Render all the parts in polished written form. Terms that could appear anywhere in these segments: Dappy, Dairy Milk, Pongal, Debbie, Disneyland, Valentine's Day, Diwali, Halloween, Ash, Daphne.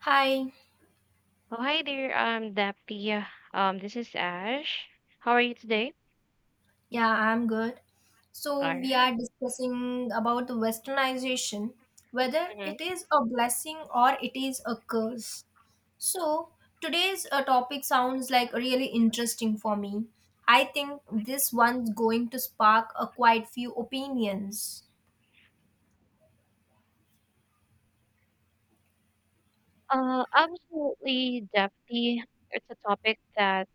Hi, Oh, hi there, Dappy. This is Ash. How are you today? yeah, I'm good. So, All we are right. discussing about the westernization, whether it Mm-hmm. is a blessing or it is a curse. So, today's topic sounds like really interesting for me. I think this one's going to spark a quite few opinions. Absolutely, Dappy. It's a topic that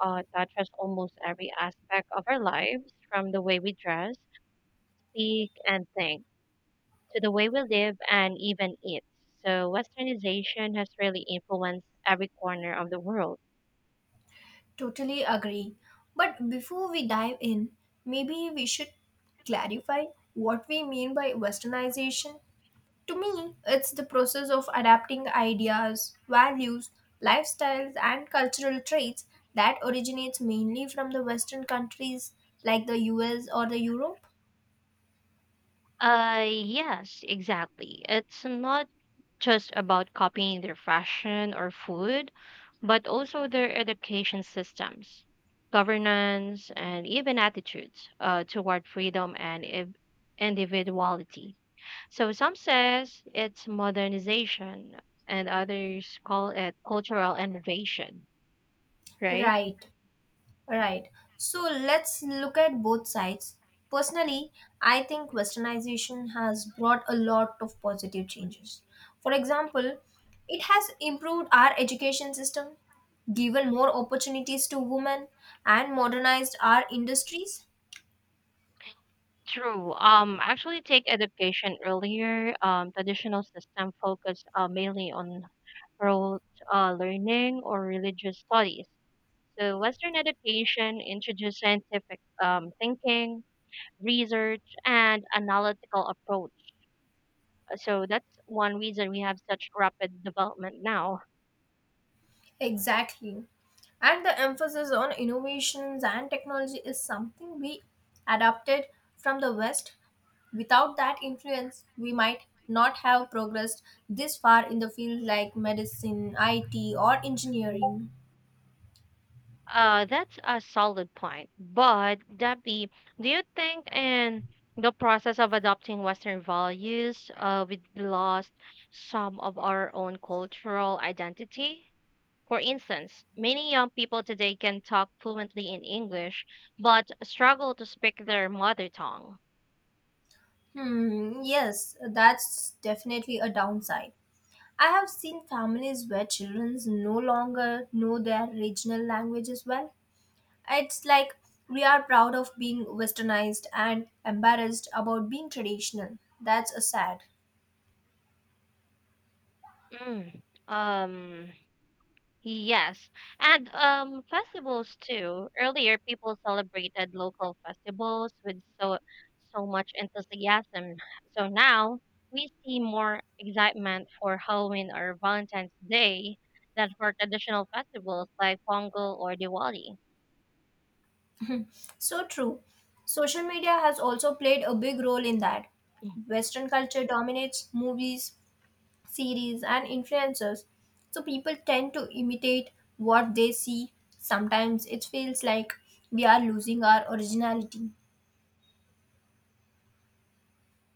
touches almost every aspect of our lives, from the way we dress, speak, and think, to the way we live and even eat. So, westernization has really influenced every corner of the world. Totally agree. But before we dive in, maybe we should clarify what we mean by westernization. To me, it's the process of adapting ideas, values, lifestyles, and cultural traits that originates mainly from the Western countries like the US or the Europe. Yes, exactly. It's not just about copying their fashion or food, but also their education systems, governance, and even attitudes toward freedom and individuality. So some says it's modernization, and others call it cultural innovation, right? Right, right. So let's look at both sides. Personally, I think westernization has brought a lot of positive changes. For example, it has improved our education system, given more opportunities to women, and modernized our industries. True. Actually, take education earlier. Traditional system focus mainly on rote learning or religious studies. So Western education introduced scientific thinking, research, and analytical approach. So that's one reason we have such rapid development now. Exactly. And the emphasis on innovations and technology is something we adapted from the West. Without that influence, we might not have progressed this far in the field like medicine, IT, or engineering. That's a solid point. But Debbie, do you think in the process of adopting Western values, we lost some of our own cultural identity? For instance, many young people today can talk fluently in English, but struggle to speak their mother tongue. Hmm, yes, that's definitely a downside. I have seen families where children no longer know their regional languages well. It's like we are proud of being westernized and embarrassed about being traditional. That's a sad. Mm. Um, Yes, and festivals too. Earlier, people celebrated local festivals with so much enthusiasm. So now we see more excitement for Halloween or Valentine's Day than for traditional festivals like Pongal or Diwali. So true. Social media has also played a big role in that. Western culture dominates movies, series, and influencers. So people tend to imitate what they see. Sometimes it feels like we are losing our originality.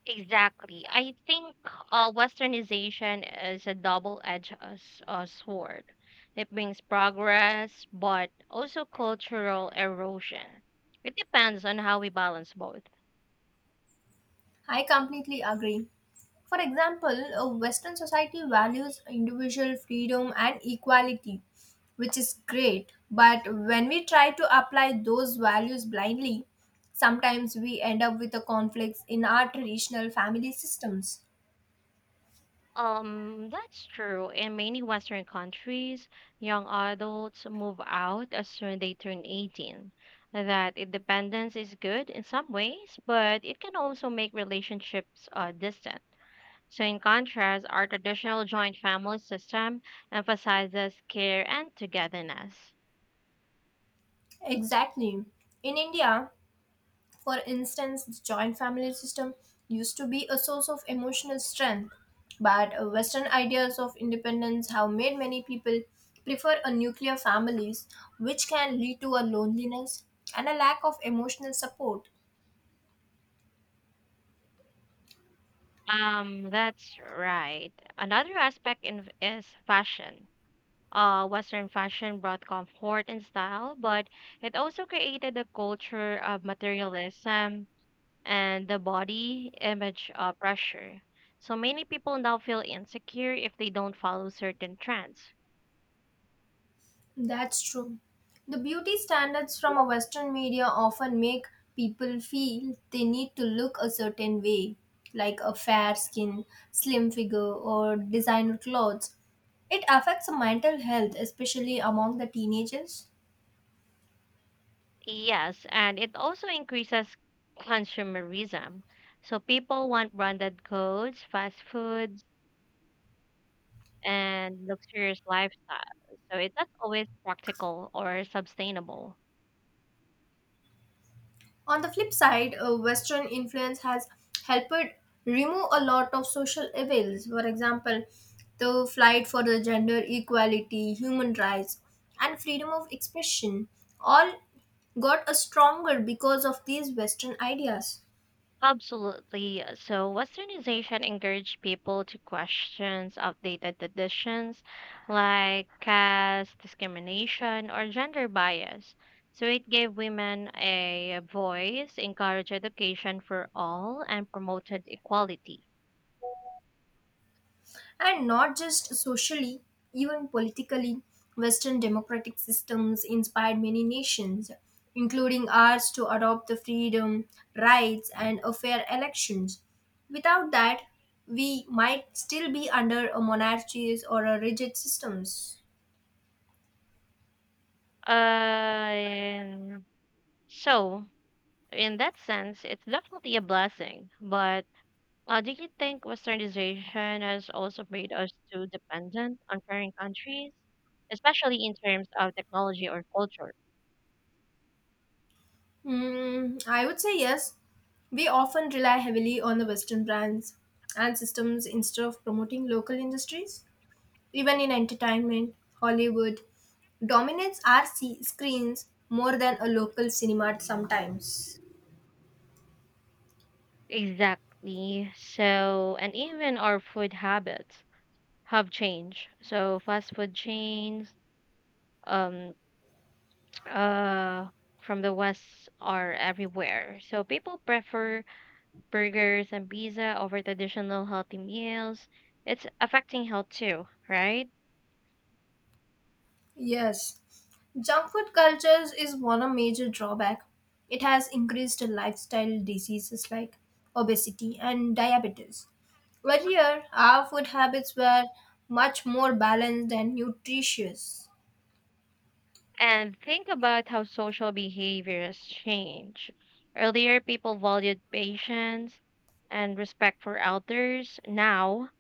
Exactly. I think westernization is a double-edged sword. It brings progress, but also cultural erosion. It depends on how we balance both. I completely agree. For example, a Western society values individual freedom and equality, which is great. But when we try to apply those values blindly, sometimes we end up with the conflicts in our traditional family systems. That's true. In many Western countries, young adults move out as soon as they turn 18. That independence is good in some ways, but it can also make relationships distant. So, in contrast, our traditional joint family system emphasizes care and togetherness. Exactly. In India, for instance, the joint family system used to be a source of emotional strength, but Western ideas of independence have made many people prefer a nuclear families, which can lead to a loneliness and a lack of emotional support. That's right. Another aspect in, is fashion. Western fashion brought comfort and style, but it also created a culture of materialism and the body image pressure. So many people now feel insecure if they don't follow certain trends. That's true. The beauty standards from a Western media often make people feel they need to look a certain way, like a fair skin, slim figure, or designer clothes. It affects mental health, especially among the teenagers. Yes, and it also increases consumerism. So people want branded goods, fast foods, and luxurious lifestyles. So it's not always practical or sustainable. On the flip side, Western influence has helped remove a lot of social evils. For example, the fight for the gender equality, human rights, and freedom of expression all got a stronger because of these Western ideas. Absolutely. So westernization encouraged people to question outdated traditions like caste discrimination or gender bias. So it gave women a voice, encouraged education for all, and promoted equality. And not just socially, even politically, Western democratic systems inspired many nations, including ours, to adopt the freedom, rights, and a fair elections. Without that, we might still be under a monarchies or a rigid systems. Uh, so, in that sense, it's definitely a blessing. But do you think westernization has also made us too dependent on foreign countries, especially in terms of technology or culture? Hmm, I would say yes. We often rely heavily on the Western brands and systems instead of promoting local industries. Even in entertainment, Hollywood dominates our screens more than a local cinema sometimes. Exactly. So, and even our food habits have changed. So, fast food chains, um, uh, from the West are everywhere. So people prefer burgers and pizza over traditional healthy meals. It's affecting health too, right? Yes, junk food cultures is one of major drawback. It has increased lifestyle diseases like obesity and diabetes. Earlier, our food habits were much more balanced and nutritious. And think about how social behaviors change. Earlier, people valued patience and respect for elders. Now,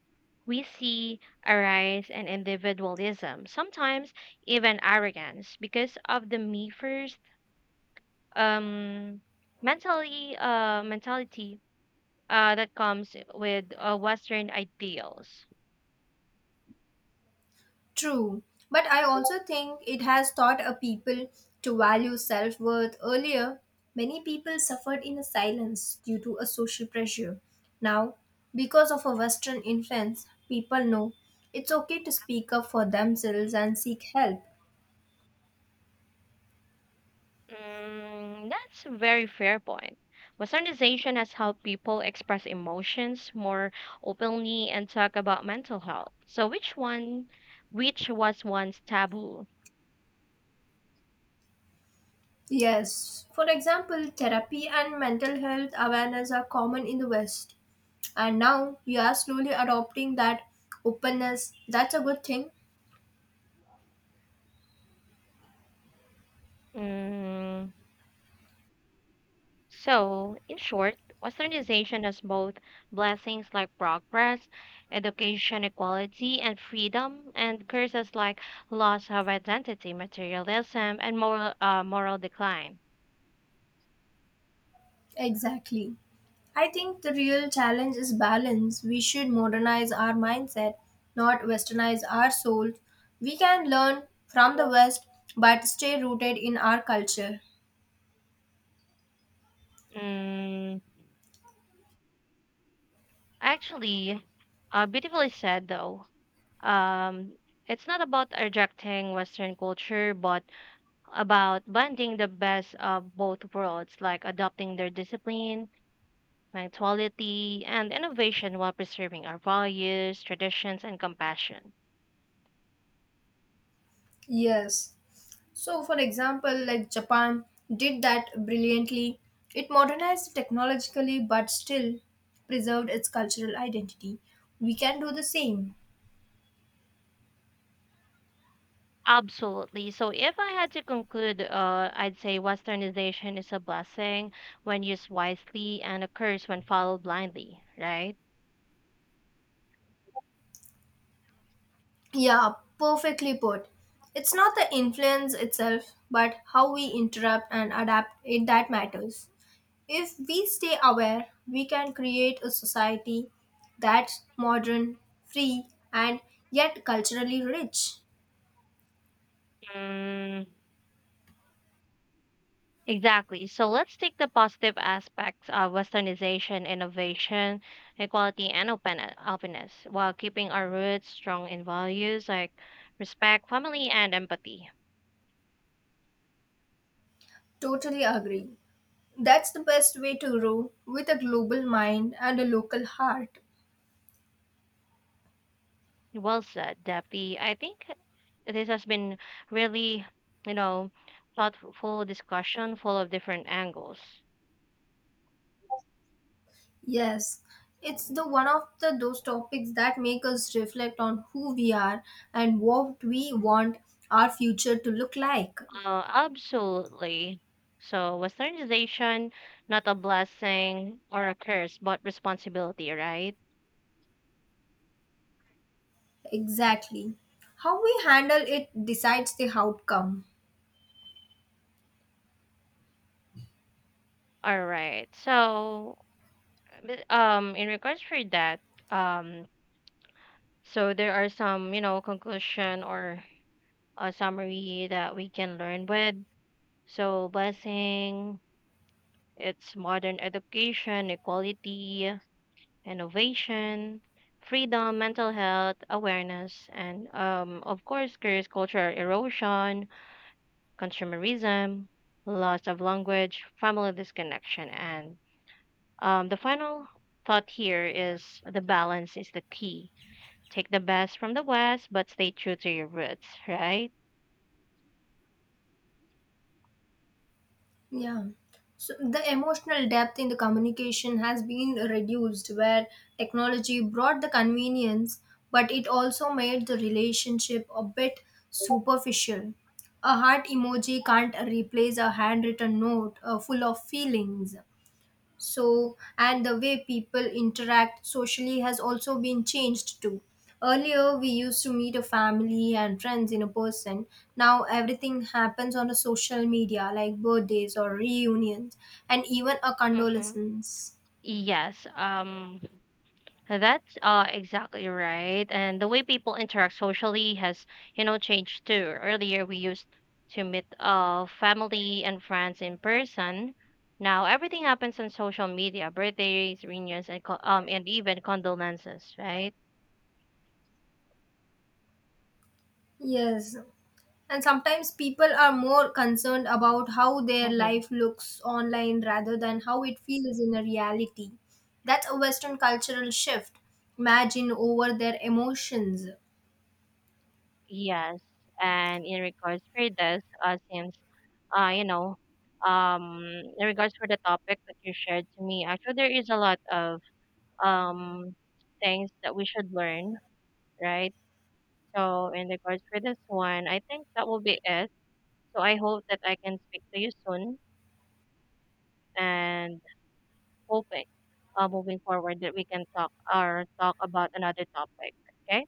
we see a rise in individualism, sometimes even arrogance, because of the me first um, mentally mentality that comes with Western ideals. True, but I also think it has taught a people to value self worth earlier. Many people suffered in silence due to a social pressure. Now, because of a Western influence, people know it's okay to speak up for themselves and seek help. Mm, that's a very fair point. Westernization has helped people express emotions more openly and talk about mental health. So which was once taboo? Yes, for example, therapy and mental health awareness are common in the West, and now we are slowly adopting that openness. That's a good thing. Mm, so in short, Westernization has both blessings like progress, education, equality, and freedom, and curses like loss of identity, materialism, and moral decline. Exactly. I think the real challenge is balance. We should modernize our mindset, not westernize our souls. We can learn from the West but stay rooted in our culture. Mm, actually, beautifully said though. Um, it's not about rejecting Western culture, but about blending the best of both worlds, like adopting their discipline, punctuality, and innovation while preserving our values, traditions, and compassion. Yes. So, for example, like Japan did that brilliantly. It modernized technologically but still preserved its cultural identity. We can do the same. Absolutely. So, if I had to conclude, I'd say Westernization is a blessing when used wisely and a curse when followed blindly, right? Yeah, perfectly put. It's not the influence itself, but how we interrupt and adapt it that matters. If we stay aware, we can create a society that's modern, free, and yet culturally rich. Mm, exactly. So let's take the positive aspects of westernization, innovation, equality, and openness while keeping our roots strong in values like respect, family, and empathy. Totally agree. That's the best way to grow with a global mind and a local heart. Well said, Debbie. I think this has been really, you know, thoughtful discussion full of different angles. Yes, it's the one of the those topics that make us reflect on who we are and what we want our future to look like. Absolutely. So, westernization, not a blessing or a curse, but responsibility, right? Exactly. How we handle it decides the outcome. All right. So, but, in regards for that, um, so there are some, you know, conclusion or a summary that we can learn with. So, blessing, it's modern education, equality, innovation, freedom, mental health, awareness, and of course, curse cultural erosion, consumerism, loss of language, family disconnection, and the final thought here is the balance is the key. Take the best from the West, but stay true to your roots, right? Yeah. So the emotional depth in the communication has been reduced where technology brought the convenience, but it also made the relationship a bit superficial. A heart emoji can't replace a handwritten note full of feelings. So, and the way people interact socially has also been changed too. Earlier, we used to meet a family and friends in a person. Now everything happens on a social media, like birthdays or reunions and even a Mm-hmm. condolences. Yes. That's exactly right. And the way people interact socially has, you know, changed too. Earlier we used to meet family and friends in person. Now everything happens on social media, birthdays, reunions, and even condolences, right? Yes, and sometimes people are more concerned about how their Mm-hmm. life looks online rather than how it feels in a reality. That's a western cultural shift, imagine over their emotions. Yes. And in regards for this, since you know, um, in regards for the topic that you shared to me, actually there is a lot of um things that we should learn, right? So in regards for this one, I think that will be it. So I hope that I can speak to you soon and hoping moving forward that we can talk or talk about another topic. Okay?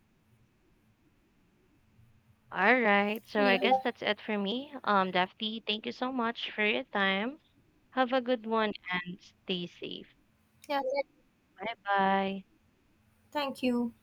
All right. So I Yeah. guess that's it for me. Daphne, thank you so much for your time. Have a good one and stay safe. Yeah, that- Bye bye. Thank you.